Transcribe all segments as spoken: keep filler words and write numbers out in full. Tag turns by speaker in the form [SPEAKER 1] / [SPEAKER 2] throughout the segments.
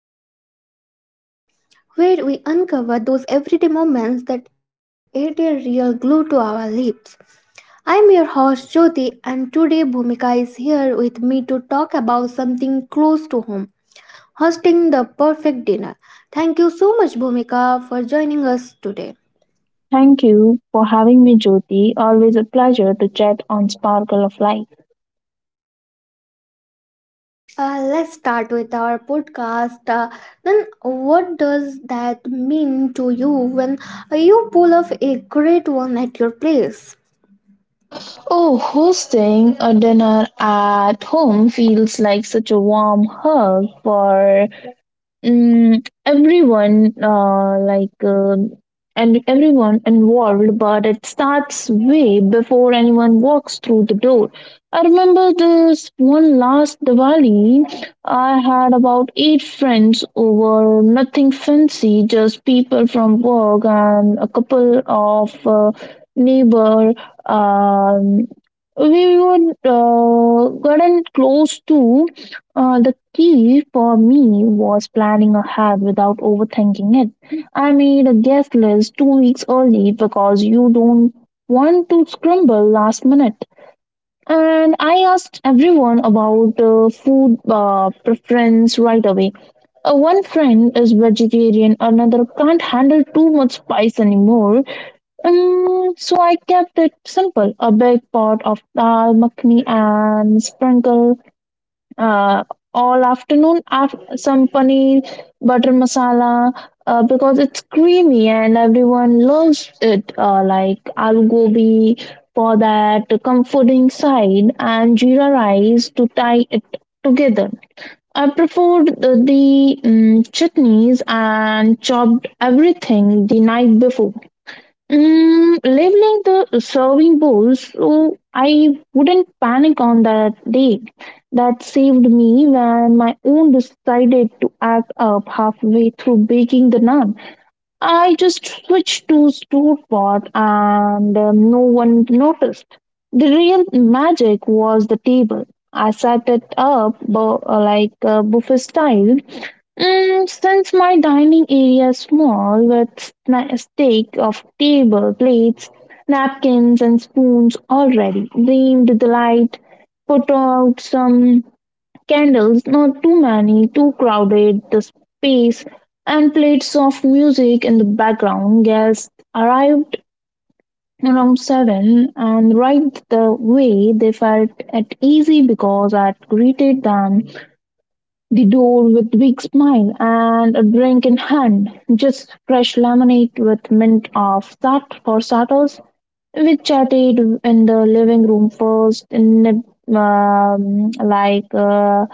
[SPEAKER 1] Back to Sparkle of Life, where we uncover those everyday moments that add a real glue to our lips. I'm your host Jyoti, and today Bhumika is here with me to talk about something close to home, hosting the perfect dinner. Thank you so much, Bhumika, for joining us today.
[SPEAKER 2] Thank you for having me, Jyoti. Always a pleasure to chat on Sparkle of Life.
[SPEAKER 1] Uh, let's start with our podcast. Uh, then, what does that mean to you when you pull off a great one at your place?
[SPEAKER 2] Oh, hosting a dinner at home feels like such a warm hug for Mm, everyone, uh, like, um and everyone involved, but it starts way before anyone walks through the door. I remember this one last Diwali, I had about eight friends over, nothing fancy, just people from work and a couple of uh, neighbor. Um, we would uh, gotten close to uh, the key for me was planning ahead without overthinking it. I made a guest list two weeks early because you don't want to scramble last minute. And I asked everyone about uh, food uh, preference right away. Uh, one friend is vegetarian, another can't handle too much spice anymore. Um, so I kept it simple, a big pot of dal makhani and sprinkle uh, all afternoon after some paneer butter masala uh, because it's creamy and everyone loves it, uh, like aloo gobi for that comforting side and jeera rice to tie it together. I preferred the, the mm chutneys and chopped everything the night before, Mm, leveling the serving bowls, so I wouldn't panic on that day. That saved me when my own decided to act up halfway through baking the naan. I just switched to store pot, and uh, no one noticed. The real magic was the table. I set it up bu- uh, like uh, buffet style, Mm, since my dining area is small, with na- a stack of table, plates, napkins, and spoons already, dimmed the light, put out some candles, not too many, too crowded the space, and played soft music in the background. Guests arrived around seven, and right the way they felt at easy because I had greeted them the door with big smile and a drink in hand, just fresh lemonade with mint of that for starters. We chatted in the living room first, in um, like uh,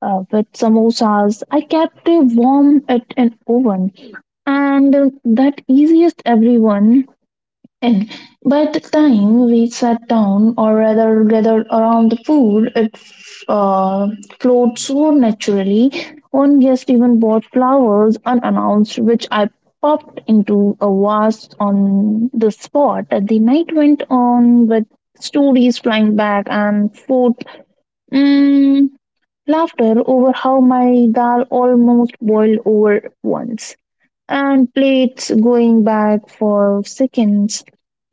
[SPEAKER 2] uh, with samosas. I kept it warm at an oven, and uh, that easiest everyone. And by the time we sat down, or rather gathered around the pool, it uh, flowed so naturally. One guest even bought flowers unannounced, which I popped into a vase on the spot. The night went on with stories flying back and forth, mm, laughter over how my dal almost boiled over once and plates going back for seconds.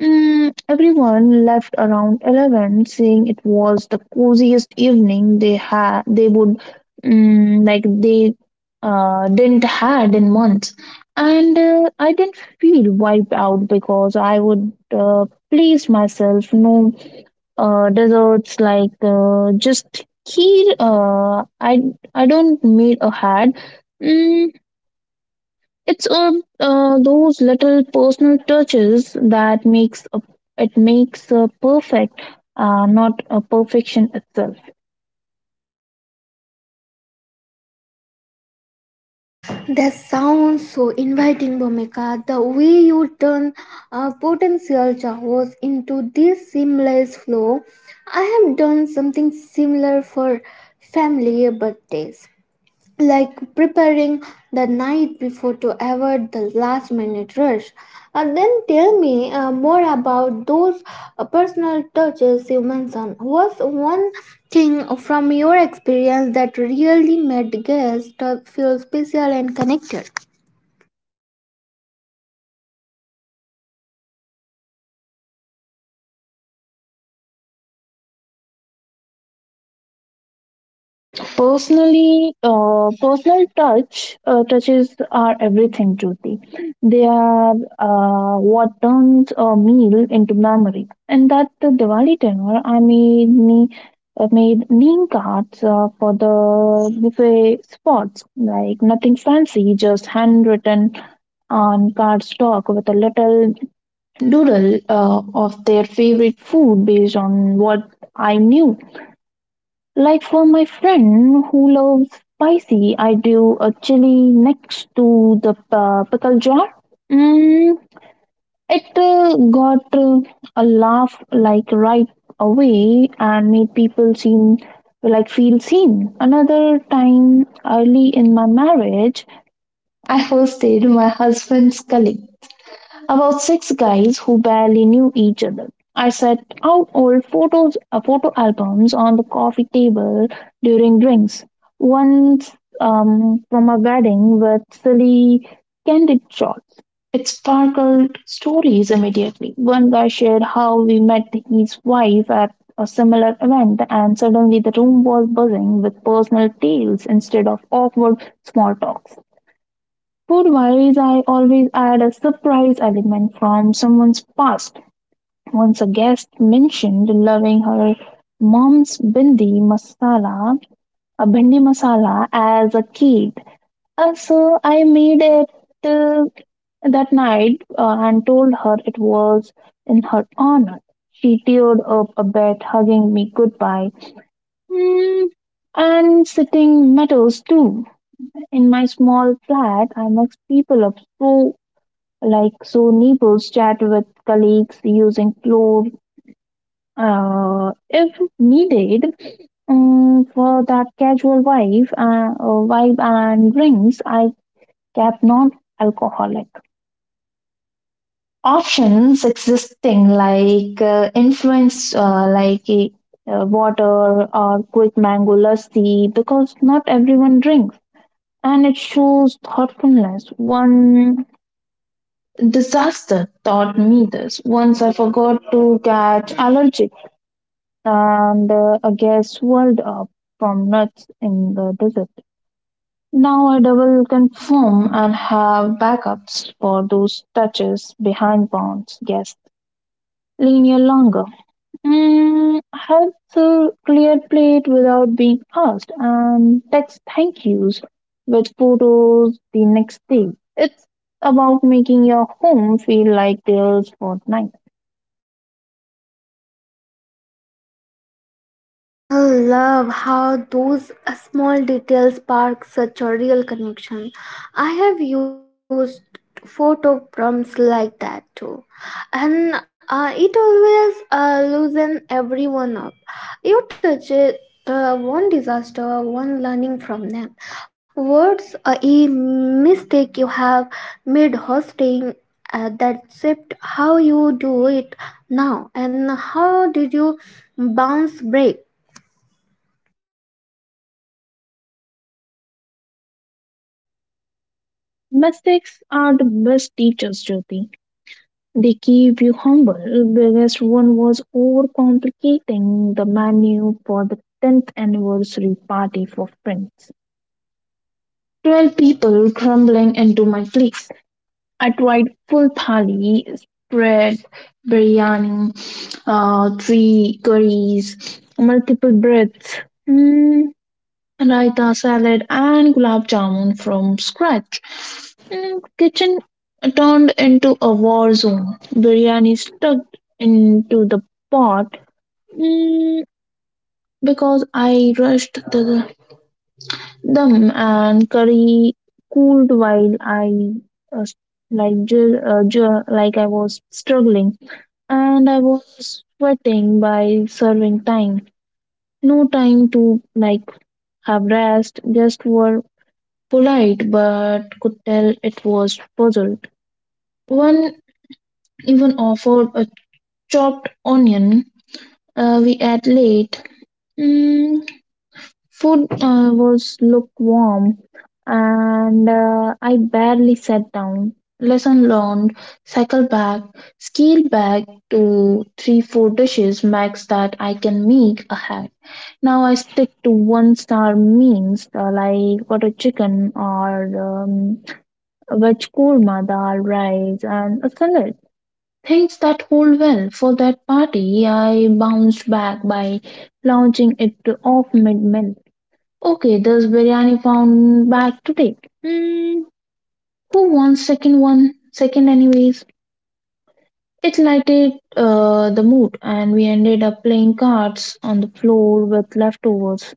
[SPEAKER 2] Mm, everyone left around eleven, saying it was the coziest evening they had they would mm, like they uh, didn't had in months. And uh, I didn't feel wiped out because I would uh, place myself, no uh, desserts, like uh, just kheer. Uh, I I don't need a had. Mm, it's uh, uh, those little personal touches that makes a, it makes a perfect, uh, not a perfection itself.
[SPEAKER 1] That sounds so inviting, Bhumika. The way you turn uh, potential chaos into this seamless flow. I have done something similar for family birthdays, like preparing the night before to avoid the last minute rush. And then tell me uh, more about those uh, personal touches you mentioned. What's one thing from your experience that really made guests uh, feel special and connected?
[SPEAKER 2] Personally, uh, personal touch uh, touches are everything, Jyoti. They are uh, what turns a meal into memory. And that the Diwali dinner, I made me uh, made name cards uh, for the buffet spots, like nothing fancy, just handwritten on cardstock with a little doodle uh, of their favorite food based on what I knew. Like for my friend who loves spicy, I drew a chili next to the uh, pickle jar. Mm, it uh, got uh, a laugh like right away and made people seem like feel seen. Another time early in my marriage, I hosted my husband's colleague, about six guys who barely knew each other. I set out old photos, uh, photo albums on the coffee table during drinks. Once um, from a wedding with silly, candid shots. It sparkled stories immediately. One guy shared how we met his wife at a similar event, and suddenly the room was buzzing with personal tales instead of awkward small talks. Food-wise, I always add a surprise element from someone's past. Once a guest mentioned loving her mom's bindi masala, a bindi masala as a kid. Uh, so I made it uh, that night uh, and told her it was in her honor. She teared up a bit, hugging me goodbye. Mm, and sitting metals too. In my small flat, I mix people up so like so neighbors chat with colleagues using floor uh, if needed, um, for that casual vibe uh, uh, vibe. And drinks, I kept non alcoholic options existing like uh, influence uh, like uh, water or quick mango lassi because not everyone drinks and it shows thoughtfulness. One disaster taught me this. Once I forgot to catch allergic and uh, a gas swelled up from nuts in the desert. Now I double confirm and have backups for those touches behind bounds. Yes, linear longer. Mm, help the clear plate without being asked and text thank yous with photos the next day. It's about making your home feel like there's fortnight.
[SPEAKER 1] I love how those uh, small details spark such a real connection. I have used photo prompts like that too, and uh, it always uh, loosens everyone up. You touch it. Uh, one disaster, one learning from them. What's uh, a mistake you have made hosting uh, that shaped how you do it now, and how did you bounce break?
[SPEAKER 2] Mistakes are the best teachers, Jyoti. They keep you humble. Biggest one was overcomplicating the menu for the tenth anniversary party for friends. twelve people crumbling into my plates. I tried full thali, spread, biryani, uh, three curries, multiple breads. Hmm raita salad and gulab jamun from scratch. Mm, kitchen turned into a war zone. Biryani stuck into the pot mm, because I rushed the dum and curry cooled while I uh, like ju- uh, ju- like I was struggling and I was sweating by serving time. No time to like have rest. Just were polite, but could tell it was puzzled. One even offered a chopped onion. Uh, we ate late. Mm, food uh, was lukewarm, and uh, I barely sat down. Lesson learned, cycle back, scale back to three, four dishes max that I can make ahead. Now I stick to one star means uh, like butter chicken or um, veg korma, dal, rice, and a salad. Things that hold well. For that party, I bounced back by launching it off mid meal. Okay, there's biryani found back today. Hmm, who wants second one? Second, anyways. It lighted uh, the mood, and we ended up playing cards on the floor with leftovers.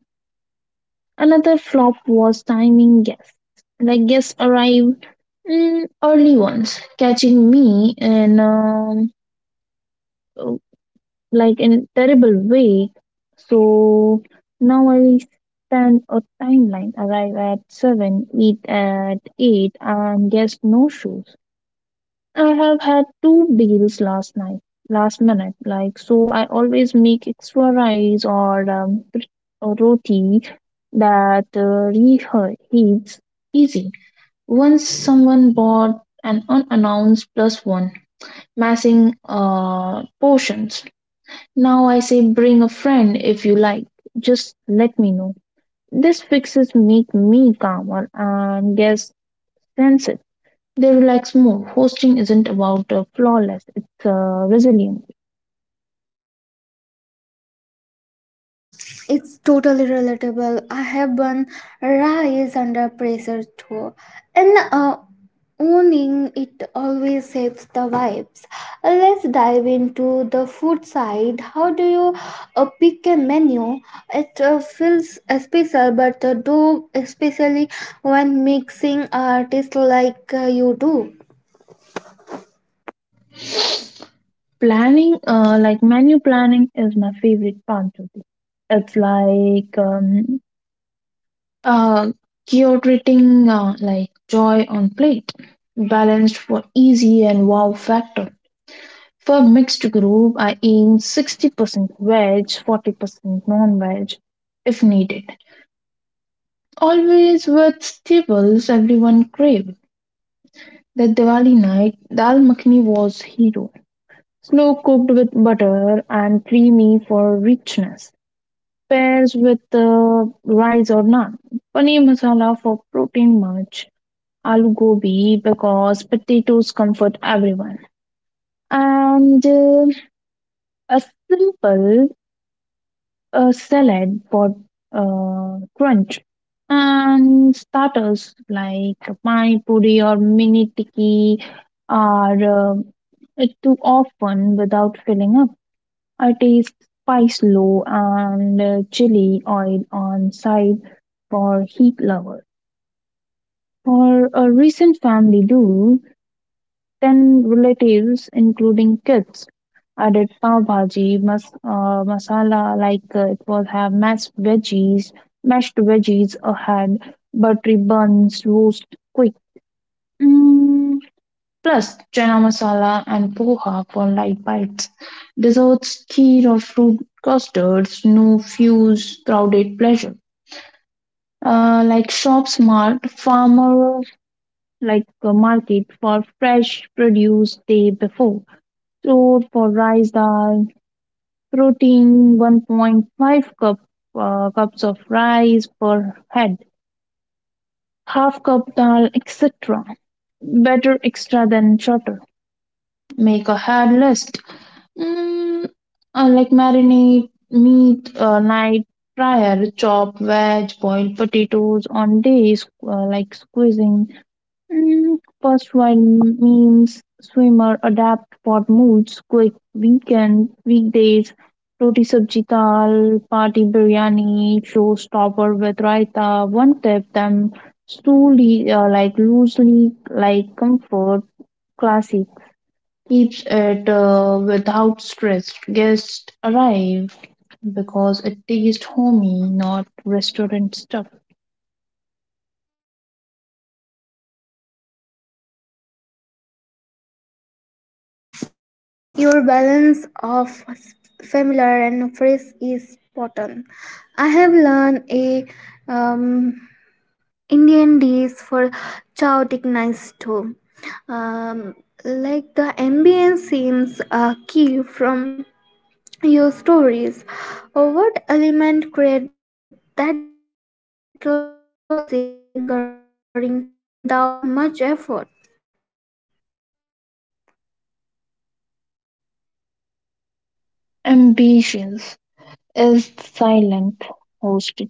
[SPEAKER 2] Another flop was timing guests. Like guests arrived mm, early ones, catching me in um, like in terrible way. So now I stand a timeline. Arrive at seven, eat at eight, and guess no shoes. I have had two deals last night, last minute. Like, so I always make extra rice or, um, r- or roti that uh, reheats easy. Once someone bought an unannounced plus one, massing uh, portions. Now I say bring a friend if you like. Just let me know. This fixes make me calmer and guess senses. They relax more. Hosting isn't about uh, flawless; it's uh, resilient.
[SPEAKER 1] It's totally relatable. I have been raised under pressure too, and uh, owning it always saves the vibes. Uh, Let's dive into the food side. How do you uh, pick a menu? It uh, feels uh, special, but uh, especially when mixing artists like uh, you do.
[SPEAKER 2] Planning, uh, like menu planning, is my favorite part of this. It's like um, uh, curating uh, like joy on plate, balanced for easy and wow factor. For mixed group, I aim sixty percent veg, forty percent non-veg, if needed. Always with staples everyone crave. That Diwali night, dal makhani was hero. Slow cooked with butter and creamy for richness. Pairs with uh, rice or naan. Paneer masala for protein much. Aloo gobi because potatoes comfort everyone. And uh, a simple a salad for uh, crunch, and starters like pani puri or mini tikki are uh, too often without filling up. I taste spice low and uh, chili oil on side for heat lovers. For a recent family do, ten relatives, including kids, added pav bhaji mas- uh, masala, like uh, it was have mashed veggies, mashed veggies ahead, buttery buns, roast quick. Mm, plus chana masala and poha for light bites. Desserts, kheer or fruit custards, no fuse, crowded pleasure. Uh, like shop smart, farmer like a market for fresh produce day before. So for rice dal, protein one point five cup uh, cups of rice per head, half cup dal, et cetera. Better extra than shorter. Make a hard list. Mm, uh, like marinate meat uh, night prior, chop veg, boiled potatoes on days uh, like squeezing Mm, first one means swimmer adapt for moods, quick weekend, weekdays, roti sabji dal, party biryani, showstopper with raita. One tip them slowly, uh, like loosely, like comfort, classic. Keeps it uh, without stress. Guests arrive because it tastes homey, not restaurant stuff.
[SPEAKER 1] Your balance of familiar and fresh is spot. I have learned a um, Indian dish for chaotic nice too. Um, like the ambience seems a key from your stories. Uh, What element create that uh, cozy, lingering atmosphere without much effort?
[SPEAKER 2] Ambitions is silent host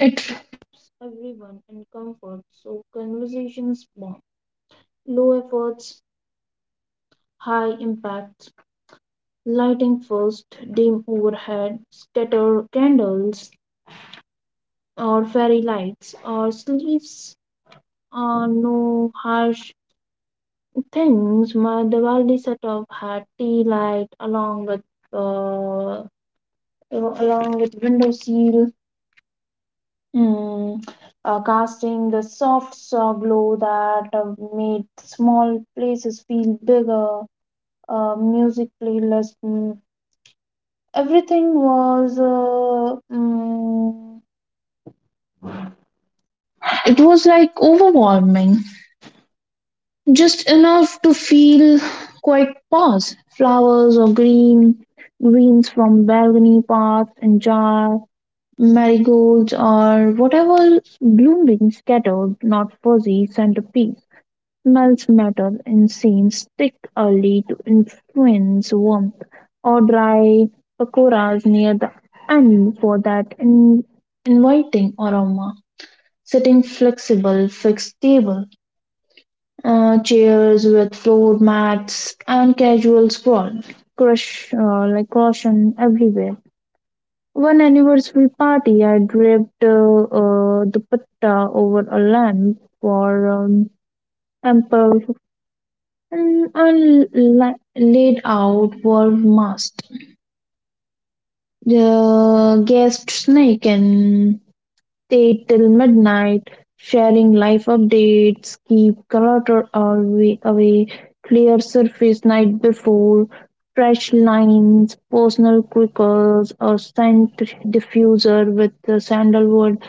[SPEAKER 2] it everyone in comfort so conversations bond. Low efforts, high impacts, lighting first, dim overhead, scatter candles or fairy lights or sleeves or no harsh things. My Diwali setup had tea light along with uh, along with window seal. Mm, uh, casting the soft saw glow that uh, made small places feel bigger. Uh, music playlist. mm, Everything was, uh, mm, it was like overwhelming. Just enough to feel quite pause. Flowers or green, greens from balcony paths and jar, marigolds or whatever blooming scattered, not fuzzy centipede. Smells matter and scenes stick early to influence warmth, or dry pakoras near the end for that in- inviting aroma. Sitting flexible, fixed table, uh, chairs with floor mats, and casual scroll. Crush, uh, like caution everywhere. One anniversary party, I draped uh, uh, the patta over a lamp for um, ample and and laid out were masked. The guest snake can stay till midnight, sharing life updates, keep clutter away, away, clear surface night before, fresh lines, personal quickles, or scent diffuser with the sandalwood.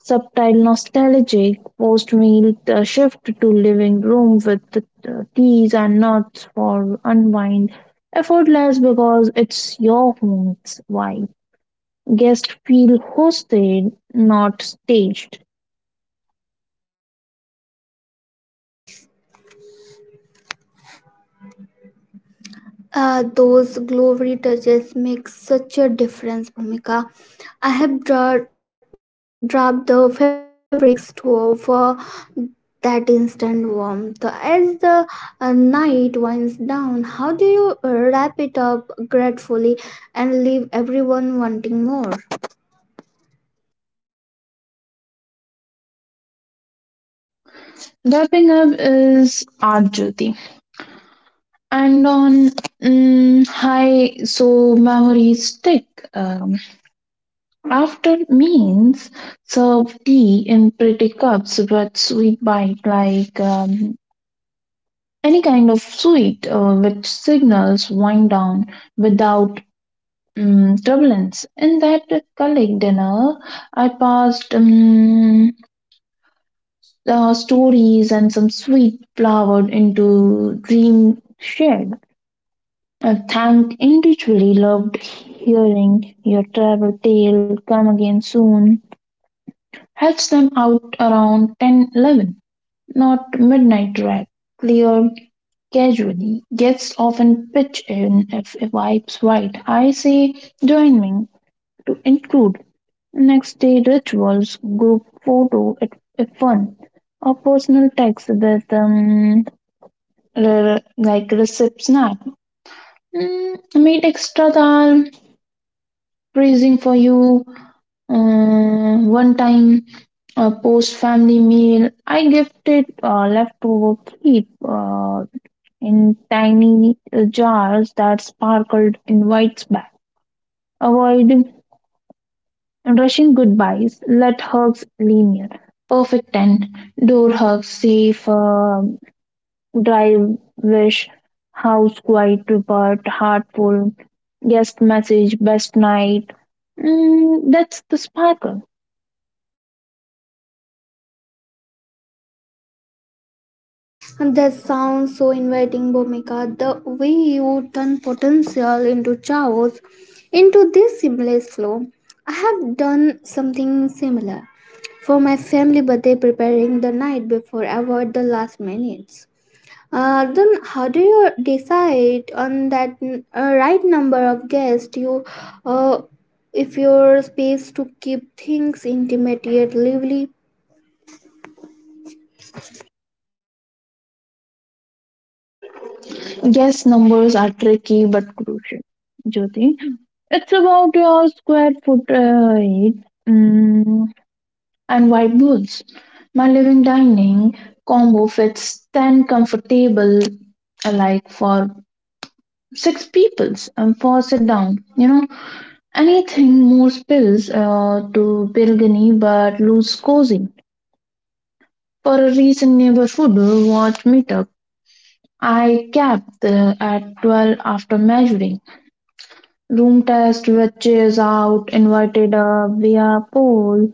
[SPEAKER 2] Subtle nostalgic post-meal uh, shift to living room with the uh, teas and nuts for unwind. Effortless because it's your home's vibe. Guests feel hosted, not staged.
[SPEAKER 1] Uh, those glory touches make such a difference, Bhumika. I have dra- dropped the fabric store for that instant warmth. As the uh, night winds down, how do you uh, wrap it up gratefully and leave everyone wanting more?
[SPEAKER 2] Wrapping up is art, Jyoti. And on mm, high, so memories stick. Um, after means serve tea in pretty cups with sweet bite like um, any kind of suite uh, which signals wind down without um, turbulence. In that colleague dinner, I passed um, uh, stories and some sweet flowered into dream shared. I thank individually loved hearing your travel tale come again soon. Helps them out around ten eleven, not midnight drive. Clear casually, gets off and pitch in if a vibes right. I say joining to include next day rituals, group photo if, if fun, or personal text with um, r- like recip snap. Mm, meet extra dal, praising for you. Uh, one time uh, post family meal, I gifted uh, leftover keep. Uh, in tiny uh, jars that sparkled in white spat. Avoid rushing goodbyes. Let hugs linger. Perfect ten. Door hugs, safe, uh, drive, wish, house quiet but heartful, guest message, best night. Mm, that's the sparkle.
[SPEAKER 1] And that sounds so inviting, Bhumika. The way you turn potential into chaos, into this seamless flow. I have done something similar family birthday preparing the night before avoid the last minutes. Uh, then how do you decide on that n- uh, right number of guests you uh, if your space to keep things intimate yet lively?
[SPEAKER 2] Guest numbers are tricky but crucial. Jyoti, it's about your square foot uh, height. Mm, and white boots. My living dining combo fits ten comfortable, like for six peoples, and for sit down, you know, anything more spills uh, to Pilgani but looks cozy. For a recent neighborhood watch meetup, I capped uh, at twelve after measuring room test, which is out invited a via poll.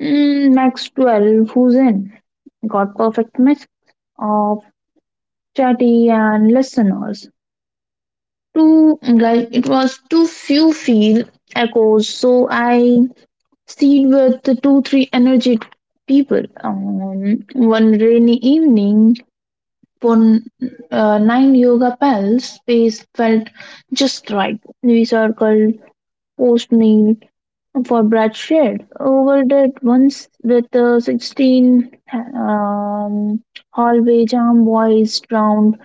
[SPEAKER 2] Mm, max twelve, who's in got perfect mix of chatty and listeners too. Like it was too few feel echoes, so I seed with the two three energy people. Um, one rainy evening for uh, nine yoga pals, space felt just right. We circled post meal for Brad Shed. Overdid once with a sixteen, um, hallway jam boys drowned.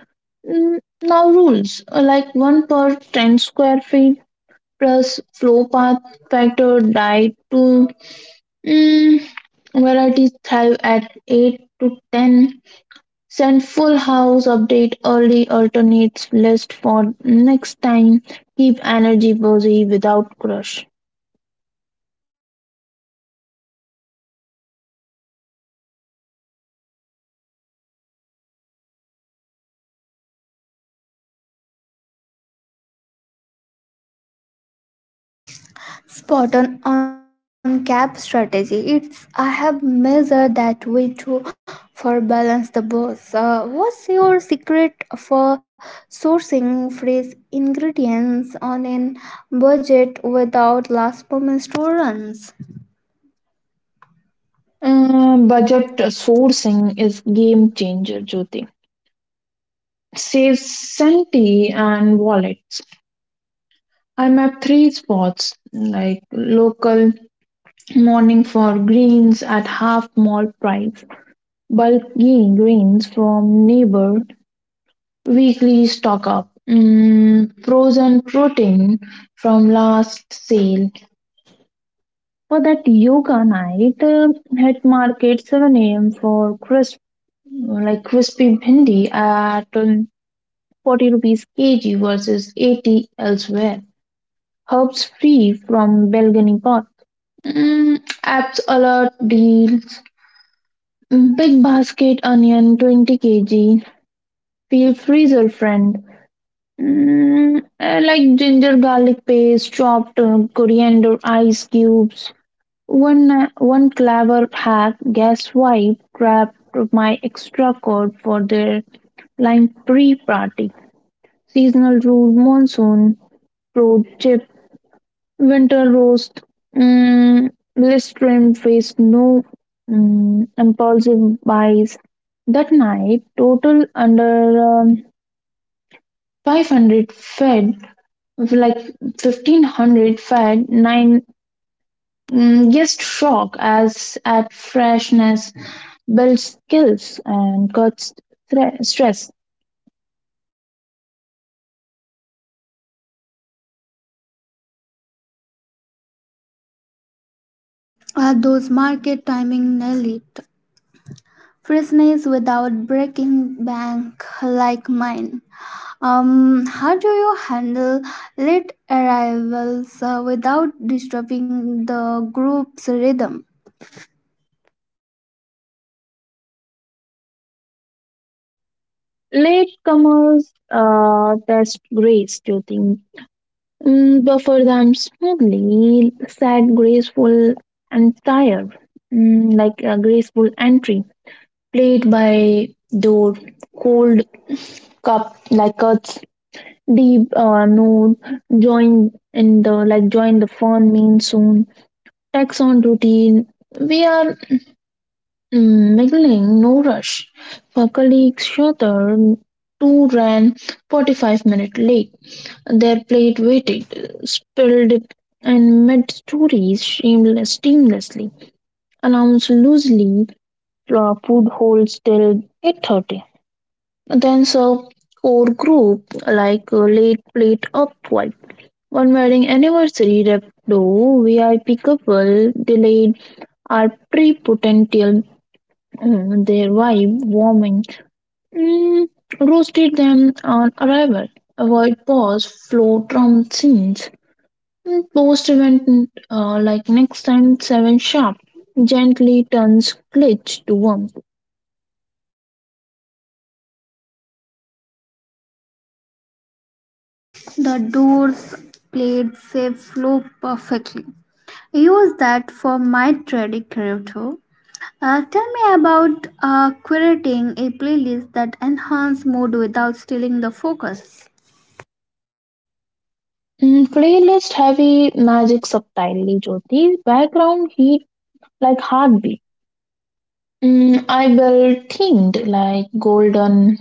[SPEAKER 2] Mm, now rules uh, like one per ten square feet plus flow path factor died to, mm, varieties thrive at eight to ten. Send full house update early, alternates list for next time. Keep energy busy without crush.
[SPEAKER 1] Spot on on cap strategy. It's I have measured that way too for balance the boss. Uh, what's your secret for sourcing fresh ingredients on an budget without last moment runs?
[SPEAKER 2] Uh, budget sourcing is game changer, Jyoti. Saves senti and wallets. I'm at three spots, like local morning for greens at half mall price, bulky greens from neighbor, weekly stock up, mm, frozen protein from last sale. For that yoga night, uh, hit market seven a m for crisp, like crispy bhindi at um, forty rupees kg versus eighty elsewhere. Herbs free from balcony pot. Mm, apps alert deals. Big basket onion twenty k g. Feel freezer friend. Mm, I like ginger garlic paste, chopped uh, coriander ice cubes. One uh, one clever hack gas wipe grabbed my extra cord for their lime pre party. Seasonal root, monsoon root, chip, winter roast, mm, blistered face, no mm, impulsive buys. That night, total under um, five hundred fed, like fifteen hundred fed, nine, mm, guest shock as at freshness, builds skills, and cuts thre- stress.
[SPEAKER 1] Are those market timing nail it? Freshness without breaking bank like mine. Um, how do you handle late arrivals uh, without disturbing the group's rhythm?
[SPEAKER 2] Latecomers uh, test grace during, Mm, buffer them smoothly, sad, graceful, and tired, mm, like a graceful entry. Plate by door, cold cup like cuts, deep uh, note, join in the like join the fun mean soon. Tax on routine. We are, Mm, mingling, no rush. For colleagues, Shudder, too ran forty-five minutes late. Their plate waited, spilled, and mid stories shameless, seamlessly. Announced loosely, uh, food holds till eight thirty. Then serve core group like uh, late plate up white. One wedding anniversary rep do V I P couple delayed are prepotential. Mm, their vibe warming. Mm, roasted them on arrival. Avoid pause, flow drum scenes. Mm, post event uh, like next time seven sharp. Gently turns glitch to warmth.
[SPEAKER 1] The doors played safe flow perfectly. Use that for my trading career too. Uh, tell me about uh, curating a playlist that enhance mood without stealing the focus.
[SPEAKER 2] Mm, playlist heavy magic subtly, Jyoti. Background heat like heartbeat. Mm, I will themed like golden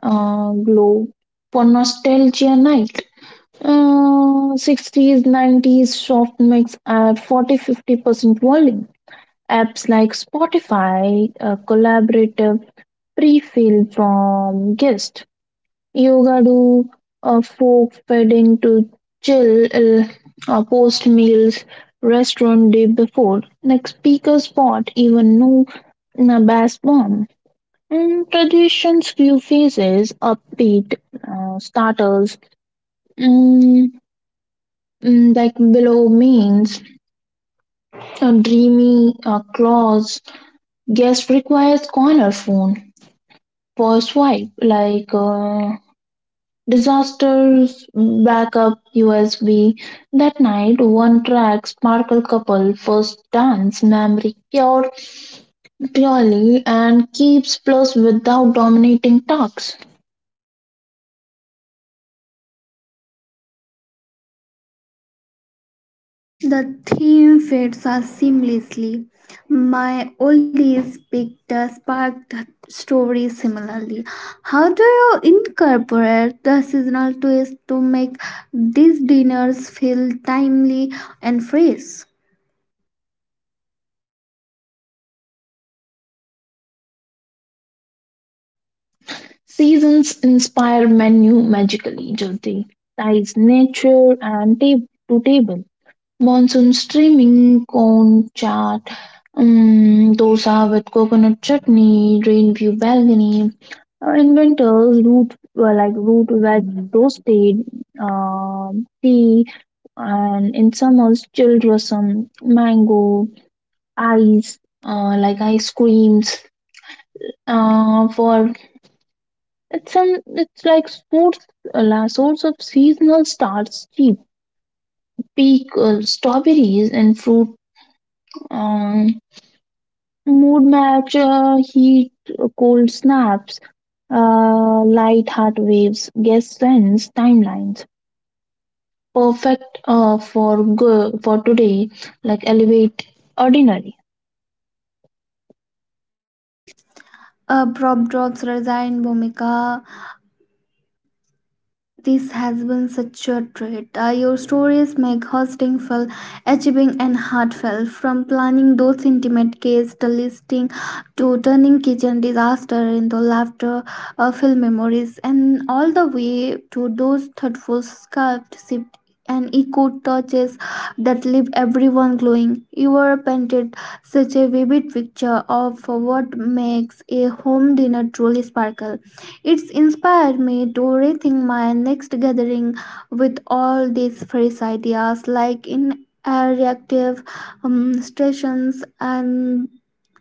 [SPEAKER 2] uh, glow for nostalgia night. Uh, sixties, nineties soft mix at forty, fifty percent volume. Apps like Spotify, a collaborative pre fill from guest. Yoga do a folk feeding to chill, uh, uh, post meals, restaurant day before. Like speaker spot, even no na bass bomb. Mm, traditions few phases, upbeat uh, starters. Mm, Mm, like below means a dreamy uh, clause. Guest requires corner phone for swipe like uh, disasters backup U S B. That night, one track sparkle couple first dance memory pure purely and keeps plus without dominating talks.
[SPEAKER 1] The theme fits us seamlessly. My oldies picked a sparked story similarly. How do you incorporate the seasonal twist to make these dinners feel timely and fresh?
[SPEAKER 2] Seasons inspire menu magically. Jyoti ties nature and table to table. Monsoon streaming, cone chaat, um, dosa with coconut chutney, rain view balcony. Or in winters, root well, like root veg toasted, um tea, and in summers, chilled rasam, mango, ice, uh, like ice creams. Uh, for it's an it's like source, uh, source of seasonal starts cheap. Peak uh, strawberries and fruit. Um, Mood match uh, heat, uh, cold snaps, uh, light heart waves, guess trends, timelines. Perfect uh, for go- for today, like elevate ordinary.
[SPEAKER 1] Uh, prop drops, Rajayan Bhumika, this has been such a treat. Uh, your stories make hosting feel achieving and heartfelt. From planning those intimate cases to listing to turning kitchen disaster into laughter, uh, film memories, and all the way to those thoughtful sculpt sipped and echo touches that leave everyone glowing. You are painted such a vivid picture of what makes a home dinner truly sparkle. It's inspired me to rethink my next gathering with all these fresh ideas, like in uh, reactive um, stations and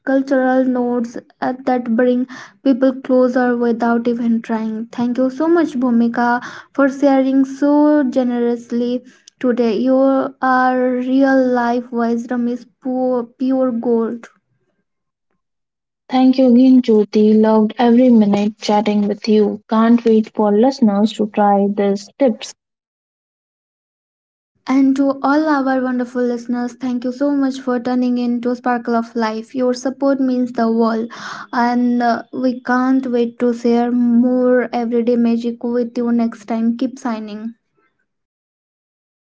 [SPEAKER 1] cultural nodes uh, that bring people closer without even trying. Thank you so much, Bhumika, for sharing so generously today. Your uh, real life wisdom is pure, pure gold.
[SPEAKER 2] Thank you again, Jyoti. Loved every minute chatting with you. Can't wait for listeners to try these tips.
[SPEAKER 1] And to all our wonderful listeners, thank you so much for turning in to Sparkle of Life. Your support means the world, and uh, we can't wait to share more everyday magic with you next time. Keep signing.